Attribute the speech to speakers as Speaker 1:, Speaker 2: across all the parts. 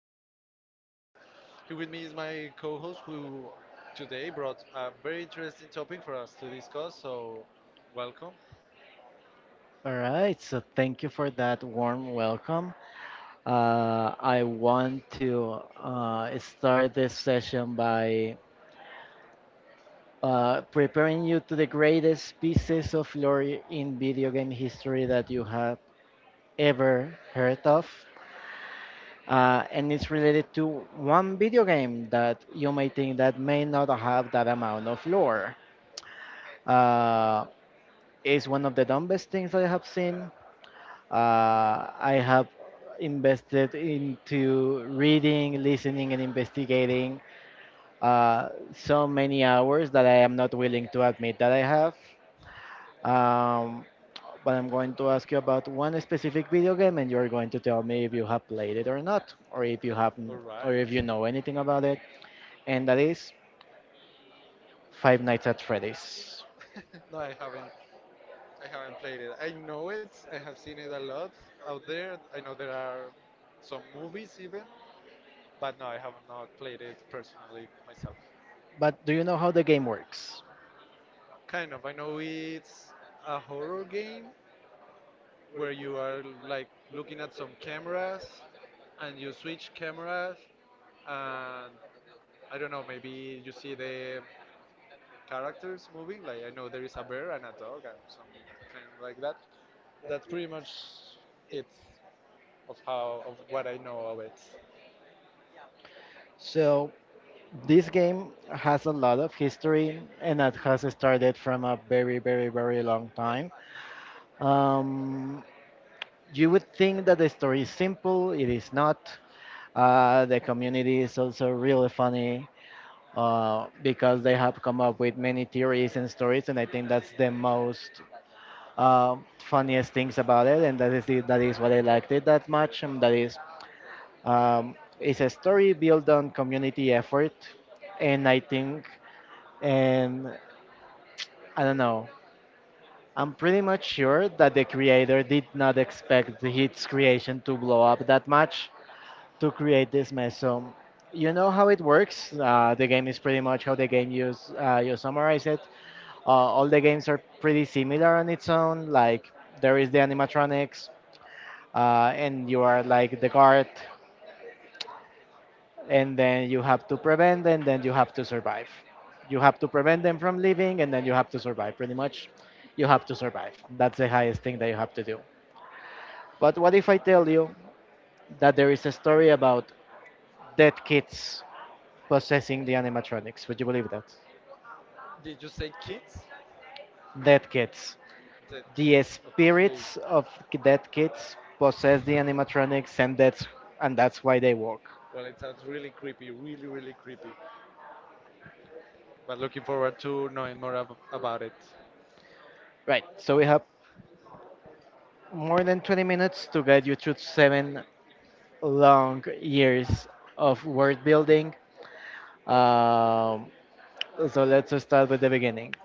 Speaker 1: out there you will find. Here with me is my co host who today brought a very interesting topic for us to discuss. So, welcome.
Speaker 2: All right, so thank you for that warm welcome. I want to start this session by preparing you to the greatest pieces of lore in video game history that you have ever heard of. And it's related to one video game that you may think that may not have that amount of lore. Uh, it's one of the dumbest things I have seen. I have invested into reading, listening, and investigating so many hours that I am not willing to admit that I have. Um, but I'm going to ask you about one specific video game, and you're going to tell me if you have played it or not, or if you haven't,
Speaker 1: All
Speaker 2: or
Speaker 1: right.
Speaker 2: if you know anything about it. And that is Five Nights at Freddy's.
Speaker 1: No, I haven't. I haven't played it. I know it. I have seen it a lot out there. I know there are some movies even, but no, I have not played it personally myself.
Speaker 2: But do you know how the game works?
Speaker 1: Kind of. I know it's a horror game, where you are like looking at some cameras and you switch cameras and I don't know, maybe you see the characters moving. Like I know there is a bear and a dog and some kind of like that. That's pretty much it of how of what I know of it.
Speaker 2: So this game has a lot of history and it has started from a very, very, very long time. Um, you would think that the story is simple, it is not. The community is also really funny because they have come up with many theories and stories, and I think that's the most funniest things about it, and that is it, that is what I liked it that much, and that is um, it's a story built on community effort, and I think and I don't know. I'm pretty much sure that the creator did not expect his creation to blow up that much to create this mess. So you know how it works. The game is pretty much how the game use You summarize it. All the games are pretty similar on its own. Like there is the animatronics, and you are like the guard and then you have to prevent them. Then you have to survive you have to prevent them from leaving and then you have to survive, that's the highest thing that you have to do. But what if I tell you that there is a story about dead kids possessing the animatronics, would you believe that?
Speaker 1: Did you say kids?
Speaker 2: Dead kids,
Speaker 1: The
Speaker 2: the
Speaker 1: kids. Okay.
Speaker 2: spirits of dead kids possess the animatronics, and that's why they work.
Speaker 1: Well, it sounds really creepy, really, really creepy. But looking forward to knowing more about it.
Speaker 2: Right, so we have more than 20 minutes to guide you through 7 long years of word building. Um, so let's just start with the beginning.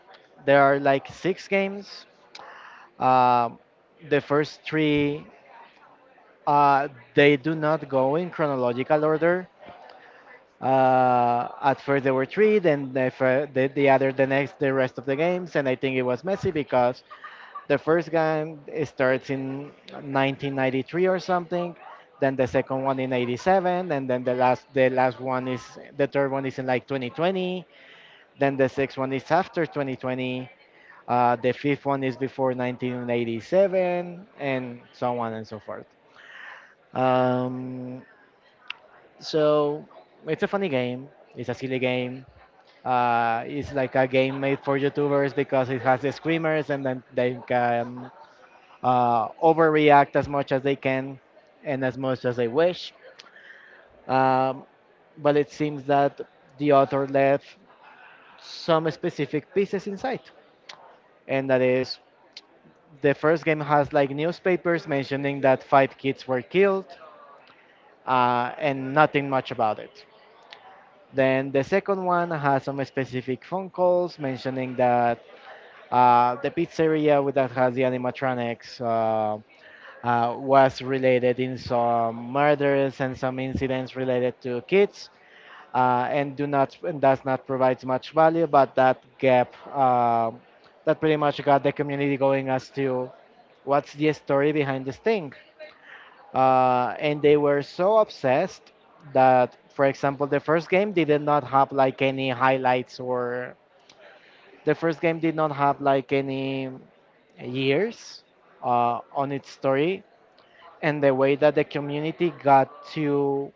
Speaker 2: There are like 6 games. Um, the first three, uh, they do not go in chronological order. At first there were three, then the, fir- the other, the next, the rest of the games, and I think it was messy because the first game it starts in 1993 or something, then the second one in 87, and then the third one is in like 2020, then the sixth one is after 2020, the fifth one is before 1987, and so on and so forth. Um, so it's a funny game. It's a silly game. It's like a game made for YouTubers because it has the screamers and then they can overreact as much as they can and as much as they wish. Um, but it seems that the author left some specific pieces inside, and that is the first game has like newspapers mentioning that 5 kids were killed, and nothing much about it. Then the second one has some specific phone calls mentioning that the pizzeria with that has the animatronics was related in some murders and some incidents related to kids, and does not provide much value. But that gap, that pretty much got the community going as to what's the story behind this thing. And they were so obsessed that, for example, the first game they did not have like any highlights or the first game did not have like any years on its story, and the way that the community got to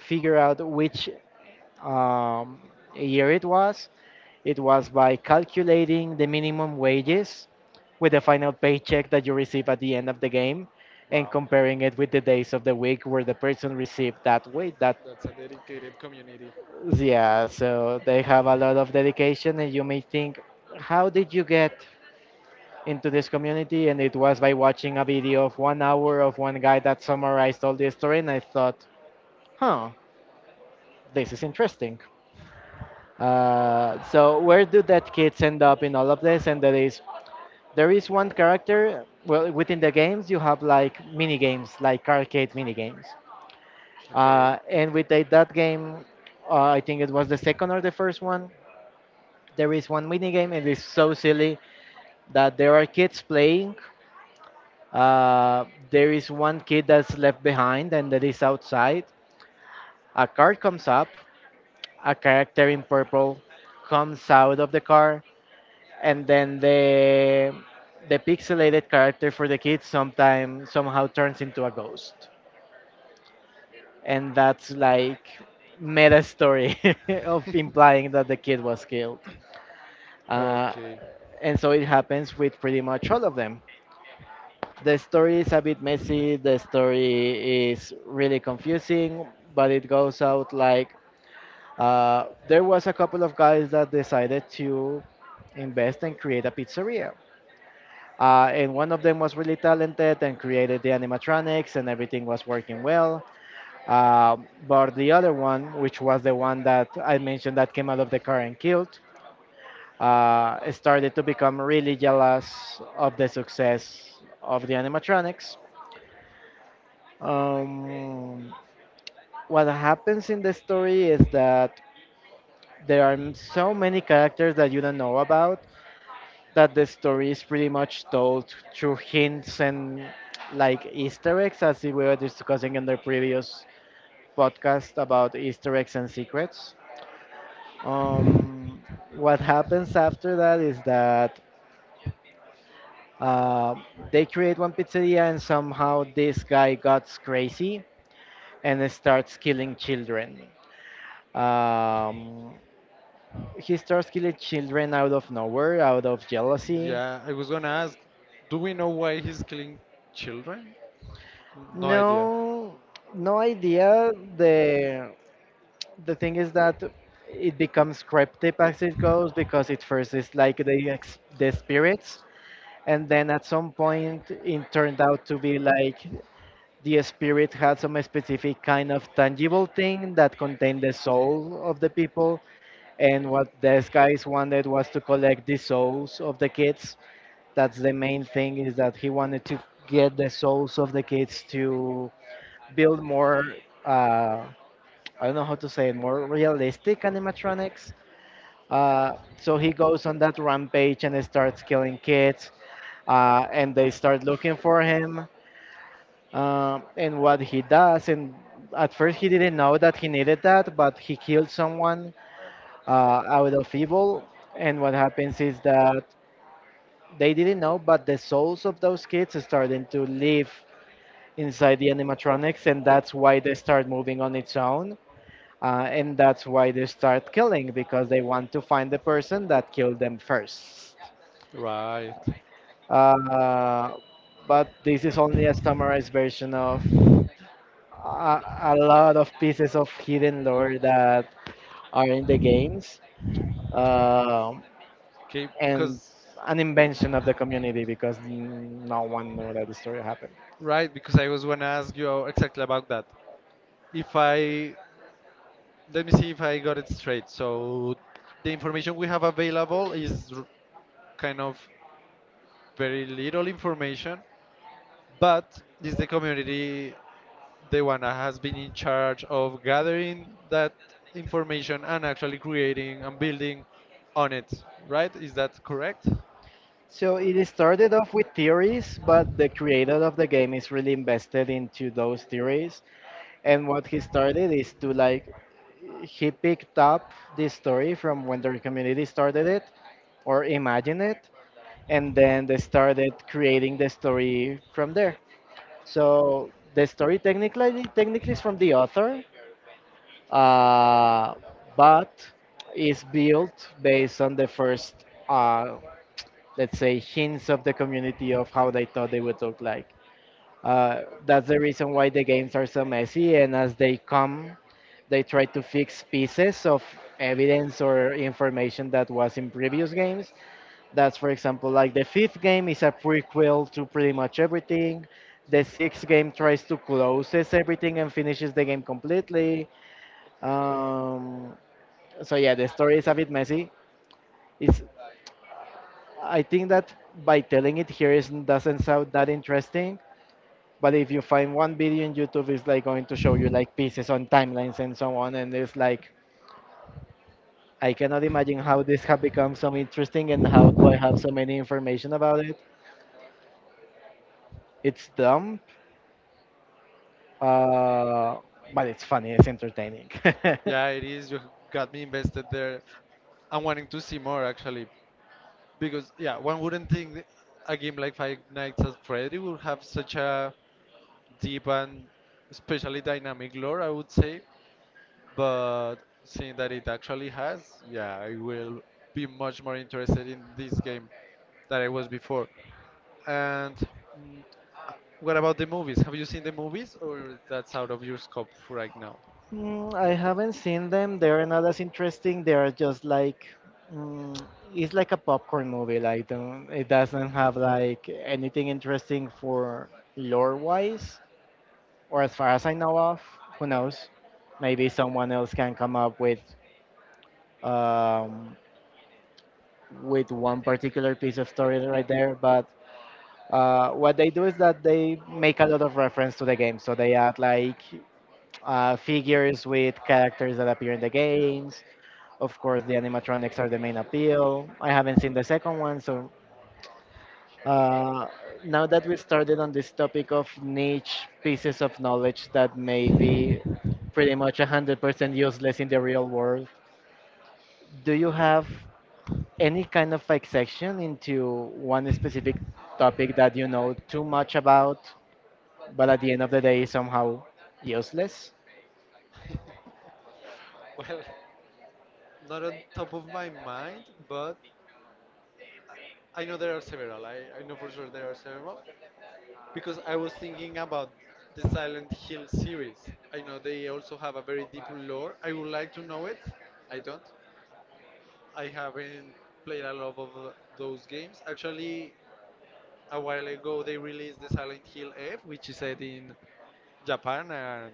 Speaker 2: figure out which um, year it was by calculating the minimum wages with the final paycheck that you receive at the end of the game and
Speaker 1: Wow.
Speaker 2: comparing it with the days of the week where the person received that wage that,
Speaker 1: That's a dedicated community.
Speaker 2: yeah, so they have a lot of dedication. And you may think, how did you get into this community? And it was by watching a video of 1 hour of one guy that summarized all the story, and I thought, huh, this is interesting. So where do that kids end up in all of this? And there is one character. Well, within the games you have like mini games, like arcade mini games.
Speaker 1: Okay.
Speaker 2: And with that game, I think it was the second or the first one, there is one mini game, and it's so silly that there are kids playing. Uh, there is one kid that's left behind, and that is outside. A car comes up. A character in purple comes out of the car, and then the pixelated character for the kids sometimes somehow turns into a ghost, and that's like meta story of implying that the kid was killed. Uh,
Speaker 1: Okay.
Speaker 2: and so it happens with pretty much all of them. The story is a bit messy, the story is really confusing, but it goes out like, there was a couple of guys that decided to invest and create a pizzeria. And one of them was really talented and created the animatronics, and everything was working well. Uh, but the other one, which was the one that I mentioned that came out of the car and killed, started to become really jealous of the success of the animatronics. Um, what happens in the story is that there are so many characters that you don't know about, that the story is pretty much told through hints and like Easter eggs, as we were discussing in the previous podcast about Easter eggs and secrets. Um, what happens after that is that uh, they create one pizzeria, and somehow this guy gets crazy and starts killing children. Um, he starts killing children out of nowhere, out of jealousy.
Speaker 1: Yeah, I was gonna ask, do we know why he's killing children? No idea.
Speaker 2: No, no idea. the the thing is that it becomes cryptic as it goes, because it first is like the spirits, and then at some point it turned out to be like the spirit had some specific kind of tangible thing that contained the soul of the people, and what these guys wanted was to collect the souls of the kids. That's the main thing, is that he wanted to get the souls of the kids to build more, uh, I don't know how to say it, more realistic animatronics. uh, so he goes on that rampage and starts killing kids, and they start looking for him. And what he does, and at first he didn't know that he needed that, but he killed someone out of evil. And what happens is that they didn't know, but the souls of those kids are starting to live inside the animatronics, and that's why they start moving on its own. And that's why they start killing, because they want to find the person that killed them first.
Speaker 1: Right.
Speaker 2: Uh, but this is only a summarized version of a lot of pieces of hidden lore that are in the games, um,
Speaker 1: Okay,
Speaker 2: and
Speaker 1: because
Speaker 2: an invention of the community, because no one knew that the story happened.
Speaker 1: right, because I was gonna ask you exactly about that. If I let me see if I got it straight. So the information we have available is kind of very little information, but is the community the one that has been in charge of gathering that information and actually creating and building on it, right? Is that correct?
Speaker 2: So it is started off with theories, but the creator of the game is really invested into those theories. And what he started is to like, he picked up this story from when the community started it or imagine it, and then they started creating the story from there. So the story technically is from the author, uh, but is built based on the first, let's say, hints of the community of how they thought they would look like. That's the reason why the games are so messy, and as they come, they try to fix pieces of evidence or information that was in previous games. That's for example, like the fifth game is a prequel to pretty much everything. The sixth game tries to closes everything and finishes the game completely. Um, so yeah, the story is a bit messy. It's I think that by telling it here is, doesn't sound that interesting, but if you find one video on YouTube, it's like going to show you like pieces on timelines and so on, and it's like, I cannot imagine how this have become so interesting and how do I have so many information about it. It's dumb, Uh, but it's funny, it's entertaining.
Speaker 1: Yeah, it is. You got me invested there. I'm wanting to see more actually, because yeah, one wouldn't think a game like Five Nights at Freddy would have such a deep and especially dynamic lore, I would say, but seeing that it actually has, yeah, I will be much more interested in this game than I was before. And mm, uh, what about the movies? Have you seen the movies, or that's out of your scope right now?
Speaker 2: Mm, I haven't seen them. They're not as interesting. They're just like, mm, it's like a popcorn movie. Like don't, it doesn't have like anything interesting for lore wise, or as far as I know of. Who knows? Maybe someone else can come up um, with one particular piece of story right there. But what they do is that they make a lot of reference to the game. So they add like figures with characters that appear in the games. Of course, the animatronics are the main appeal. I haven't seen the second one, so uh, now that we started on this topic of niche pieces of knowledge that may be pretty much 100% useless in the real world, do you have any kind of like section into one specific topic that you know too much about, but at the end of the day somehow useless?
Speaker 1: Well, not on top of my mind, but I know there are several. I know for sure there are several, because I was thinking about the Silent Hill series. I know they also have a very deep lore. I would like to know it. I don't. I haven't played a lot of those games. Actually, a while ago they released the Silent Hill F, which is set in Japan, and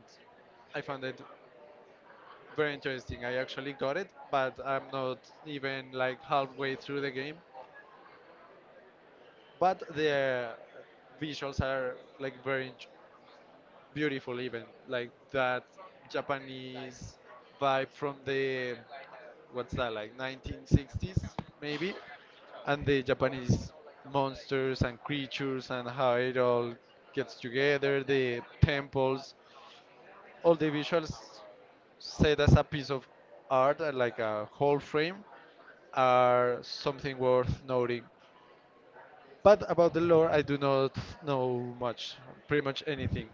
Speaker 1: I found it very interesting. I actually got it, but I'm not even like halfway through the game. But the visuals are like beautiful, even like that japanese vibe from the what's that like 1960s maybe, and the japanese monsters and creatures and how it all gets together, the temples, all the visuals set as a piece of art, like a whole frame, are something worth noting. But about the lore, I do not know much, pretty much anything.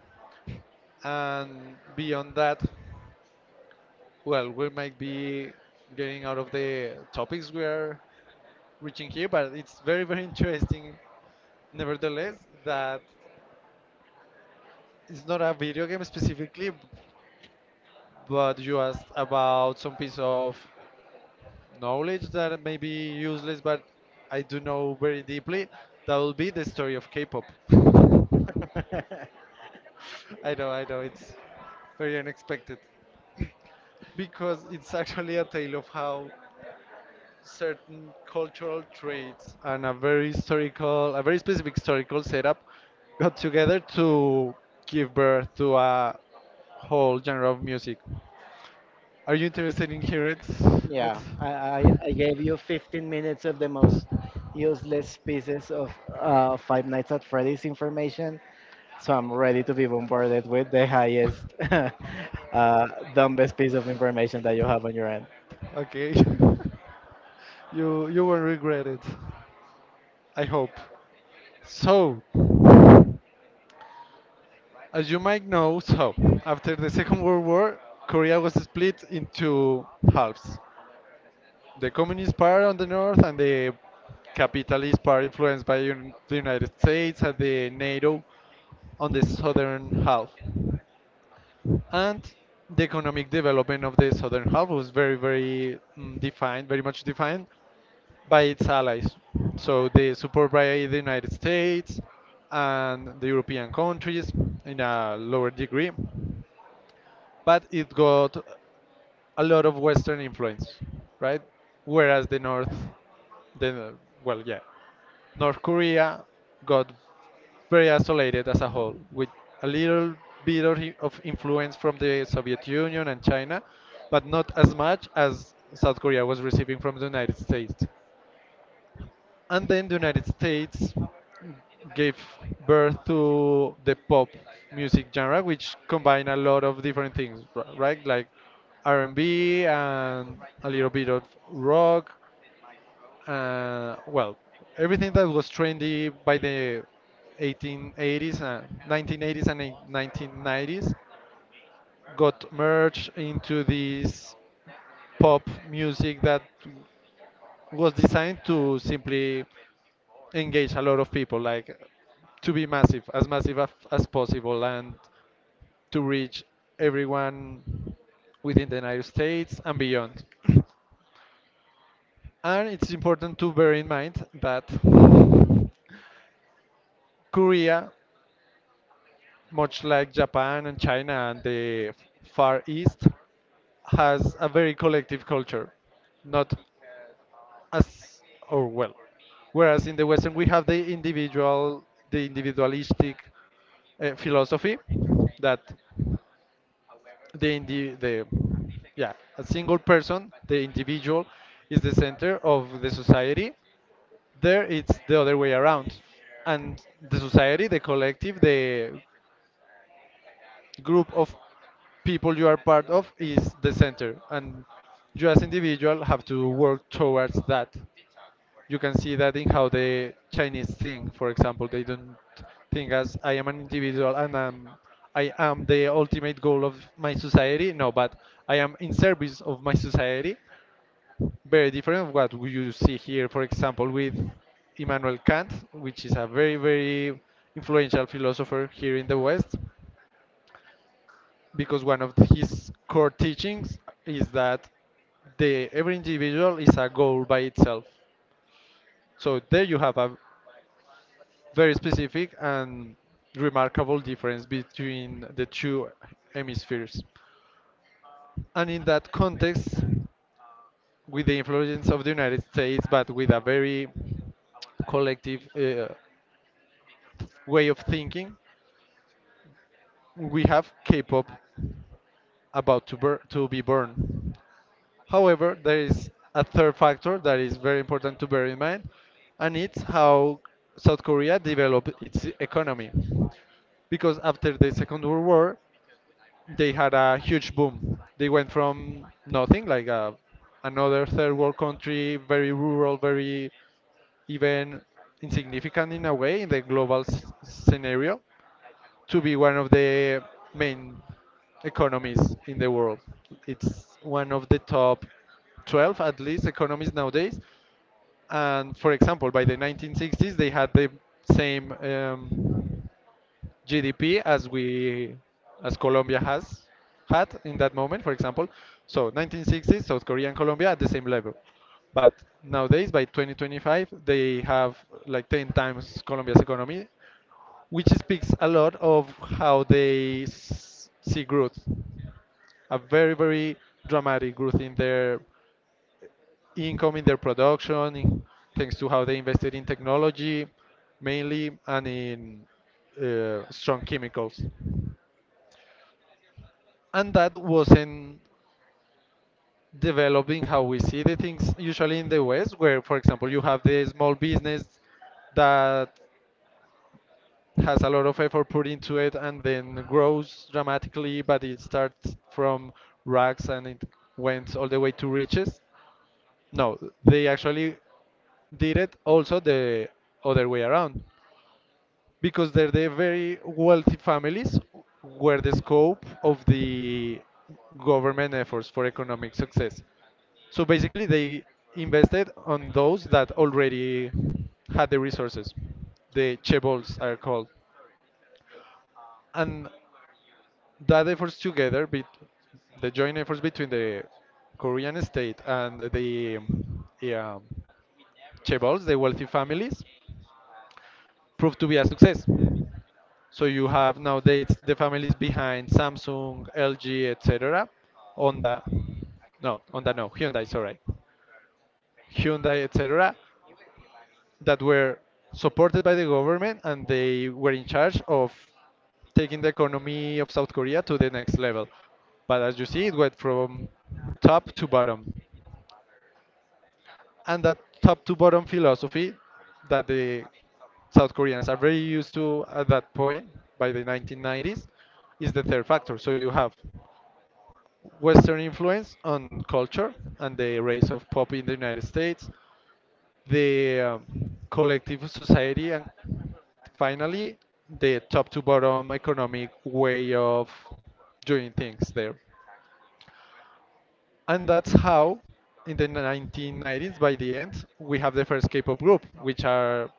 Speaker 1: And beyond that, well, we might be getting out of the topics we are reaching here, but it's very, very interesting, nevertheless, that it's not a video game specifically, but you asked about some piece of knowledge that may be useless, but I do know very deeply. That will be the story of K-pop. I know, it's very unexpected, because it's actually a tale of how certain cultural traits and a very historical, a very specific historical setup got together to give birth to a whole genre of music. Are you interested in hearing it? it?
Speaker 2: Yeah, I gave you 15 minutes of the most useless pieces of Five Nights at Freddy's information, so I'm ready to be bombarded with the highest, uh, dumbest piece of information that you have on your end.
Speaker 1: Okay. You won't regret it. I hope. So, as you might know, so after the Second World War, Korea was split into halves, the communist part on the north and the capitalist part influenced by the United States and the NATO on the southern half. And the economic development of the southern half was very much defined by its allies. So the support by the United States and the European countries in a lower degree, but it got a lot of Western influence, right? Whereas the North, the well, yeah, North Korea got very isolated as a whole, with a little bit of influence from the Soviet Union and China, but not as much as South Korea was receiving from the United States. And then the United States gave birth to the pop music genre, which combine a lot of different things, right? Like R&B and B and a little bit of rock, well, everything that was trendy by the 1880s, 1980s, and 1990s got merged into this pop music that was designed to simply engage a lot of people, like to be massive, as as possible, and to reach everyone within the United States and beyond. And it's important to bear in mind that Korea, much like Japan and China and the Far East, has a very collective culture, not as or well. Whereas in the Western we have the individual, the individualistic philosophy that the indi- the yeah a single person, the individual, is the center of the society. There it's the other way around, and the society, the collective, the group of people you are part of is the center, and you as individual have to work towards that. You can see that in how the chinese think, for example. They don't think as I am an individual and I am the ultimate goal of my society. No, but I am in service of my society. Very different of what you see here, for example, with Immanuel Kant, which is a very, very influential philosopher here in the West, because one of his core teachings is that the every individual is a goal by itself. So there you have a very specific and remarkable difference between the two hemispheres. And in that context, with the influence of the United States, but with a very collective way of thinking, we have K-pop about to be born. However, there is a third factor that is very important to bear in mind, and it's how South Korea developed its economy. Because after the Second World War, they had a huge boom. They went from nothing, like a, another third world country, very rural, very even insignificant in a way in the global scenario, to be one of the main economies in the world. It's one of the top 12 at least economies nowadays. And for example, by the 1960s, they had the same GDP as Colombia has had in that moment, for example. So 1960s, South Korea and Colombia at the same level. But nowadays, by 2025, they have like 10 times Colombia's economy, which speaks a lot of how they see growth. A very, very dramatic growth in their income, in their production, in, thanks to how they invested in technology mainly and in strong chemicals. And that wasn't developing how we see the things usually in the West, where, for example, you have the small business that has a lot of effort put into it and then grows dramatically, but it starts from rags and it went all the way to riches. No, they actually did it also the other way around, because they're the very wealthy families were the scope of the government efforts for economic success. So basically, they invested on those that already had the resources. The chaebols are called, and that efforts together, bet the joint efforts between the Korean state and the yeah, chaebols, the wealthy families, proved to be a success. So you have nowadays the families behind Samsung, LG, etc. Honda, no, Honda, no, Hyundai, sorry, Hyundai, etc, that were supported by the government and they were in charge of taking the economy of South Korea to the next level. But as you see, it went from top to bottom. And that top to bottom philosophy that the South Koreans are very used to at that point by the 1990s is the third factor. So you have Western influence on culture and the rise of pop in the United States, the collective society, and finally, the top to bottom economic way of doing things there. And that's how, in the 1990s, by the end, we have the first K-pop group, which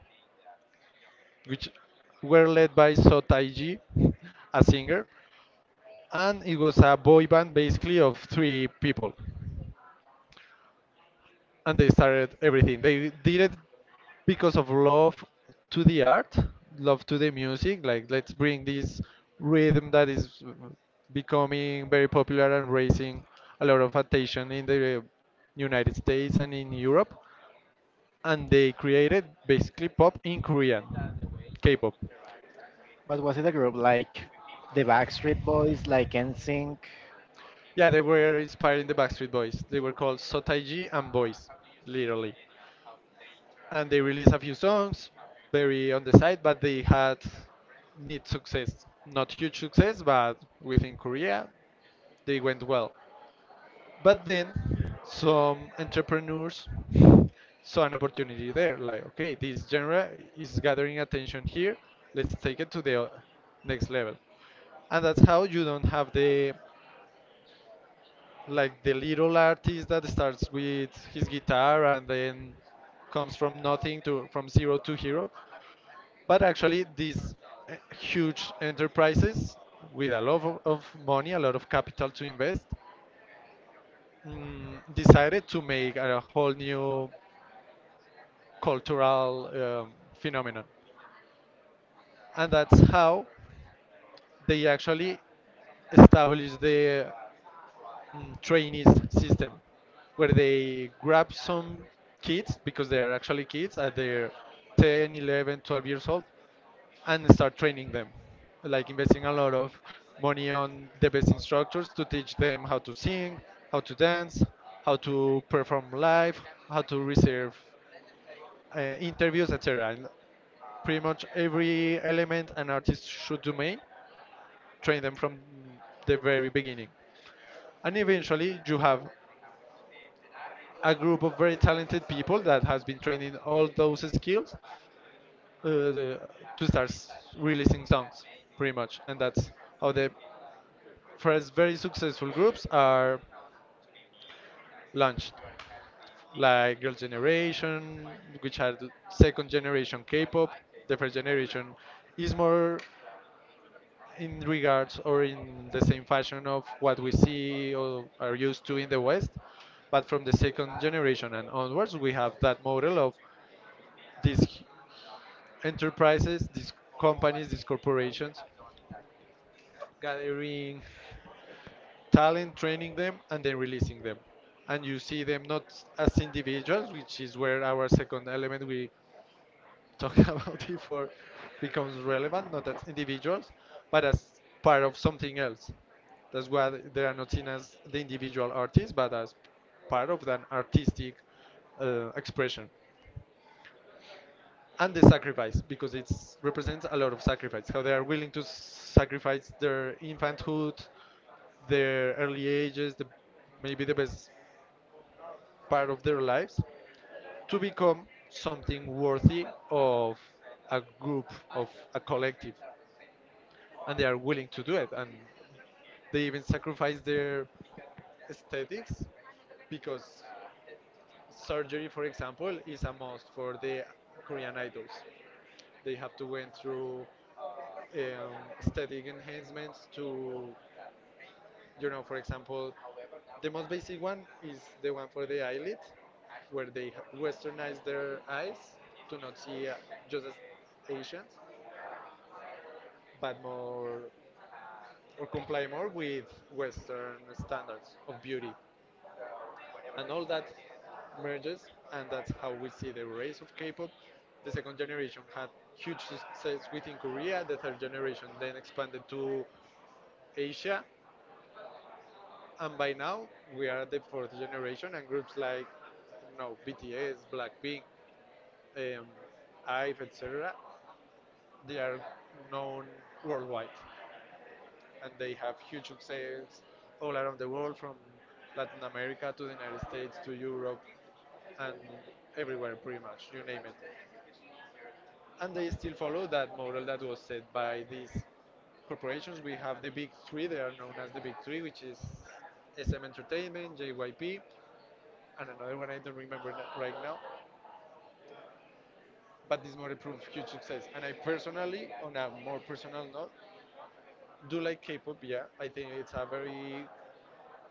Speaker 1: which were led by So Taiji, a singer, and it was a boy band basically of three people. And they started everything. They did it because of love to the art, love to the music. Like, let's bring this rhythm that is becoming very popular and raising a lot of attention in the United States and in Europe. And they created basically pop in Korean, K-pop.
Speaker 2: But was it a group like the Backstreet Boys, like NSYNC?
Speaker 1: Yeah, they were inspiring the Backstreet Boys. They were called Sotaiji and Boys, literally. And they released a few songs, very on the side, but they had mid success, not huge success, but within Korea they went well. But then some entrepreneurs saw an opportunity there, like okay, this genre is gathering attention here, let's take it to the next level. And that's how you don't have the, like the little artist that starts with his guitar and then comes from nothing to from zero to hero, but actually, these huge enterprises with a lot of money, a lot of capital to invest, decided to make a whole new cultural phenomenon. And that's how they actually established the trainees system, where they grab some kids, because they are actually kids, at their 10, 11, 12 years old, and start training them, like investing a lot of money on the best instructors to teach them how to sing, how to dance, how to perform live, how to reserve interviews, etc., and pretty much every element an artist should domain. Train them from the very beginning, and eventually you have a group of very talented people that has been training all those skills, uh, the, to start releasing songs, pretty much, and that's how the first very successful groups are launched, like Girls' Generation, which are the second generation K-pop. The first generation is more in regards or in the same fashion of what we see or are used to in the West, but from the second generation and onwards, we have that model of these enterprises, these companies, these corporations gathering talent, training them, and then releasing them. And you see them not as individuals, which is where our second element we talked about before becomes relevant, not as individuals, but as part of something else. That's why they are not seen as the individual artist, but as part of an artistic expression and the sacrifice, because it represents a lot of sacrifice, how they are willing to sacrifice their infanthood, their early ages, maybe the best part of their lives, to become something worthy of a group, of a collective, and they are willing to do it. And they even sacrifice their aesthetics, because surgery, for example, is a must for the Korean idols. They have to went through um, aesthetic enhancements to, for example, the most basic one is the one for the eyelid, where they westernize their eyes to not see just as Asians, but more or comply more with Western standards of beauty. And all that merges, and that's how we see the rise of K-pop. The second generation had huge success within Korea. The third generation then expanded to Asia, and by now we are the fourth generation, and groups like no BTS, Blackpink, um, IVE, etc., they are known worldwide, and they have huge success all around the world, from Latin America to the United States to Europe, and everywhere, pretty much, you name it. And they still follow that model that was set by these corporations. We have the big three, they are known as the big three, which is SM Entertainment, JYP, and another one I don't remember right now. But this movie proved huge success. And I personally, on a more personal note, do like K-pop. Yeah, I think it's a very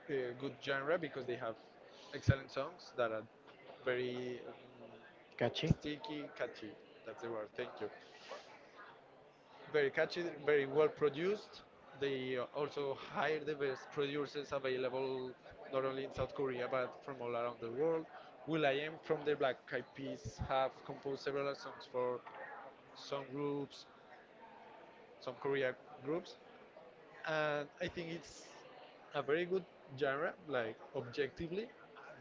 Speaker 1: uh, good genre, because they have excellent songs that are very
Speaker 2: Catchy.
Speaker 1: sticky, catchy. That's the word. Thank you. Very catchy, very well produced. They also hire the best producers available, not only in South Korea but from all around the world. Will I Am from the Black Eyed Peas have composed several songs for some groups, some Korea groups, and I think it's a very good genre. Like objectively,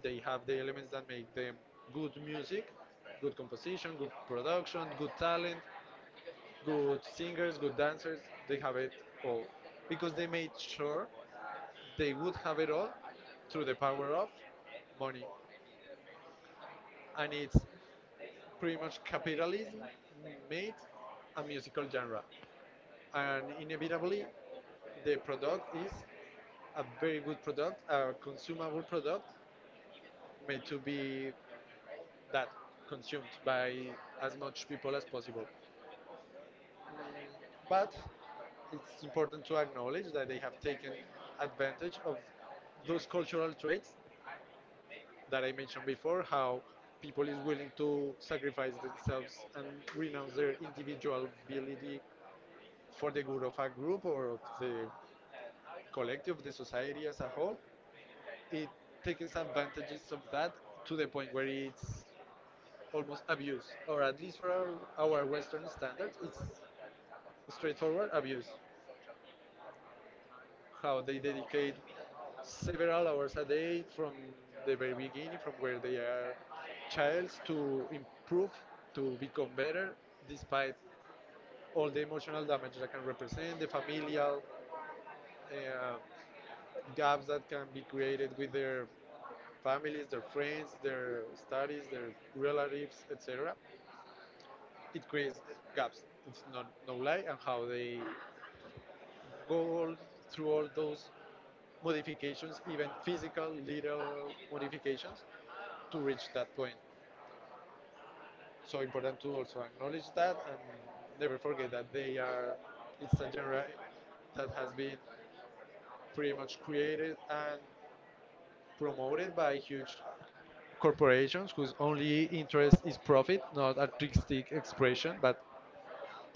Speaker 1: they have the elements that make them good music, good composition, good production, good talent, good singers, good dancers. They have it all because they made sure they would have it all through the power of money, and it's pretty much capitalism made a musical genre, and inevitably the product is a very good product, a consumable product made to be that consumed by as much people as possible. Mm, But it's important to acknowledge that they have taken advantage of those cultural traits that I mentioned before, how people is willing to sacrifice themselves and renounce their individual ability for the good of a group or of the collective, the society as a whole. It takes advantages of that to the point where it's almost abuse, or at least for our Western standards, it's straightforward abuse. How they dedicate several hours a day from the very beginning, from where they are childs, to improve, to become better, despite all the emotional damage that can represent, the familial uh, gaps that can be created with their families, their friends, their studies, their relatives, etc. It creates gaps. It's not no lie, and how they go all through all those modifications, even physical little modifications, to reach that point. So important to also acknowledge that and never forget that they are, it's a genre that has been pretty much created and promoted by huge corporations whose only interest is profit, not artistic expression, but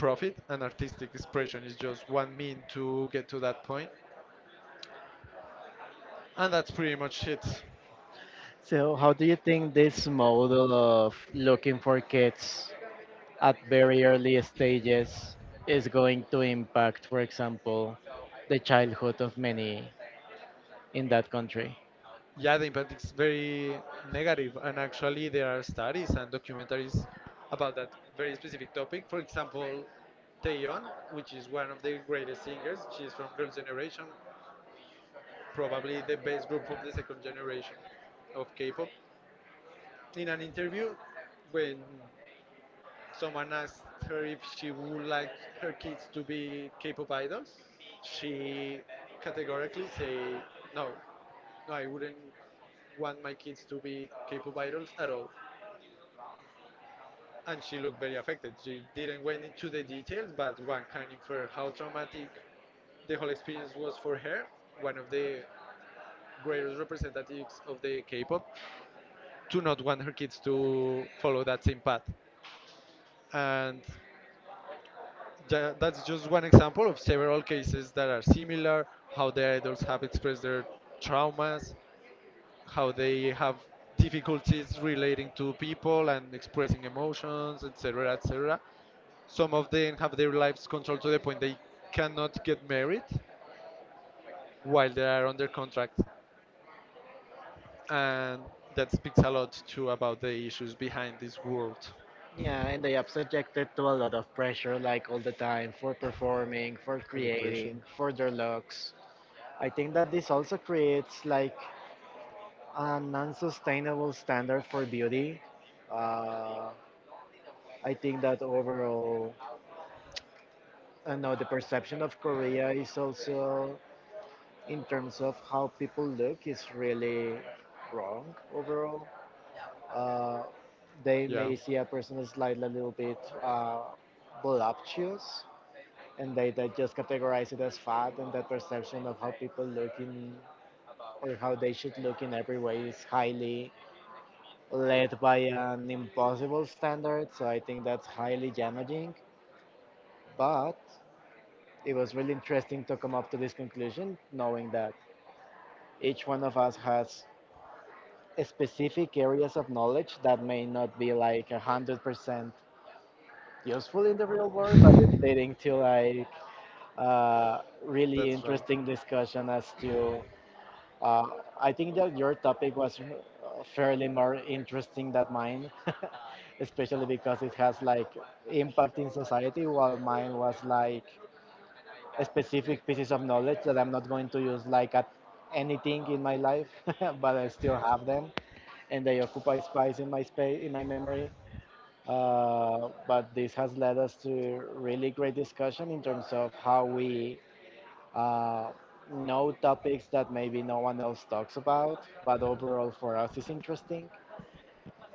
Speaker 1: profit, and artistic expression is just one mean to get to that point, and that's pretty much it.
Speaker 2: So, how do you think this model of looking for kids at very early stages is going to impact, for example, the childhood of many in that country.
Speaker 1: Yeah, the impact is very negative, and actually there are studies and documentaries about that very specific topic. For example, Taeyeon, which is one of the greatest singers, she's from Girls' Generation, probably the best group of the second generation of K-pop. In an interview, when someone asked her if she would like her kids to be K-pop idols, she categorically say no, no, I wouldn't want my kids to be K-pop idols at all. And she looked very affected. She didn't went into the details, but one can infer how traumatic the whole experience was for her. One of the greatest representatives of the K-pop to not want her kids to follow that same path. And that's just one example of several cases that are similar, how the idols have expressed their traumas, how they have difficulties relating to people and expressing emotions, etc., etc. Some of them have their lives controlled to the point they cannot get married while they are under contract, and that speaks a lot too about the issues behind this world.
Speaker 2: Yeah, and they are subjected to a lot of pressure, like all the time, for performing, for
Speaker 1: All the pressure.
Speaker 2: creating, for their looks. I think that this also creates like an unsustainable standard for beauty. Uh, I think that overall, I know the perception of Korea is also in terms of how people look is really wrong overall. Uh, they
Speaker 1: Yeah.
Speaker 2: may see a person as slightly a little bit voluptuous, and they just categorize it as fat, and that perception of how people look in or how they should look in every way is highly led by an impossible standard. So I think that's highly damaging. But it was really interesting to come up to this conclusion, knowing that each one of us has specific areas of knowledge that may not be like 100% useful in the real world, but it's leading to like uh, really
Speaker 1: That's right.
Speaker 2: interesting discussion as to. Uh, I think that your topic was fairly more interesting than mine, especially because it has like impact in society, while mine was like specific pieces of knowledge that I'm not going to use like at anything in my life, but I still have them and they occupy space in my memory. But this has led us to really great discussion in terms of how we uh, know topics that maybe no one else talks about, but overall for us is interesting.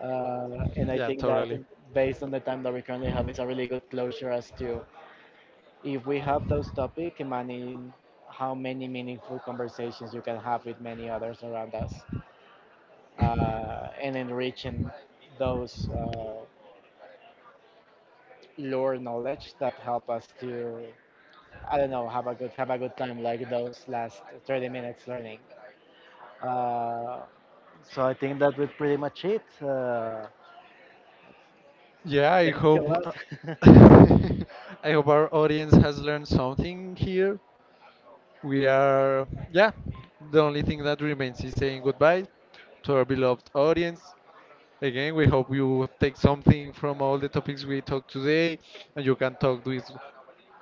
Speaker 2: And I
Speaker 1: Yeah,
Speaker 2: think that
Speaker 1: totally.
Speaker 2: based on the time that we currently have is a really good closure as to if we have those topics, imagine how many meaningful conversations you can have with many others around us and enriching those lore knowledge that help us to I don't know have a good time like those last 30 minutes learning. Uh, so I think that would pretty much it.
Speaker 1: Yeah, I
Speaker 2: Thank you
Speaker 1: hope
Speaker 2: a lot.
Speaker 1: I hope our audience has learned something here. We are, yeah, the only thing that remains is saying goodbye to our beloved audience. Again, we hope you take something from all the topics we talked today, and you can talk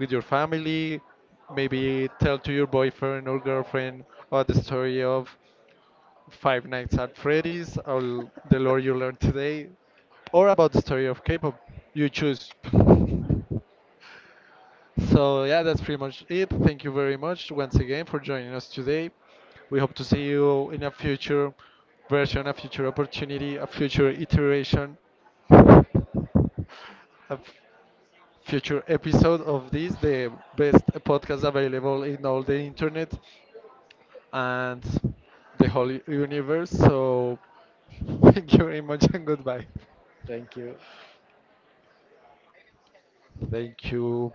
Speaker 1: with your family. Maybe tell to your boyfriend or girlfriend or the story of Five Nights at Freddy's, or The Lore You Learn Today, or about the story of K-pop. You choose. So yeah, that's pretty much it. Thank you very much once again for joining us today. We hope to see you in a future version, a future opportunity, a future iteration, a f- future episode of this, the best podcast available in all the internet and the whole universe. So thank you very much and goodbye.
Speaker 2: Thank you.
Speaker 1: Thank you.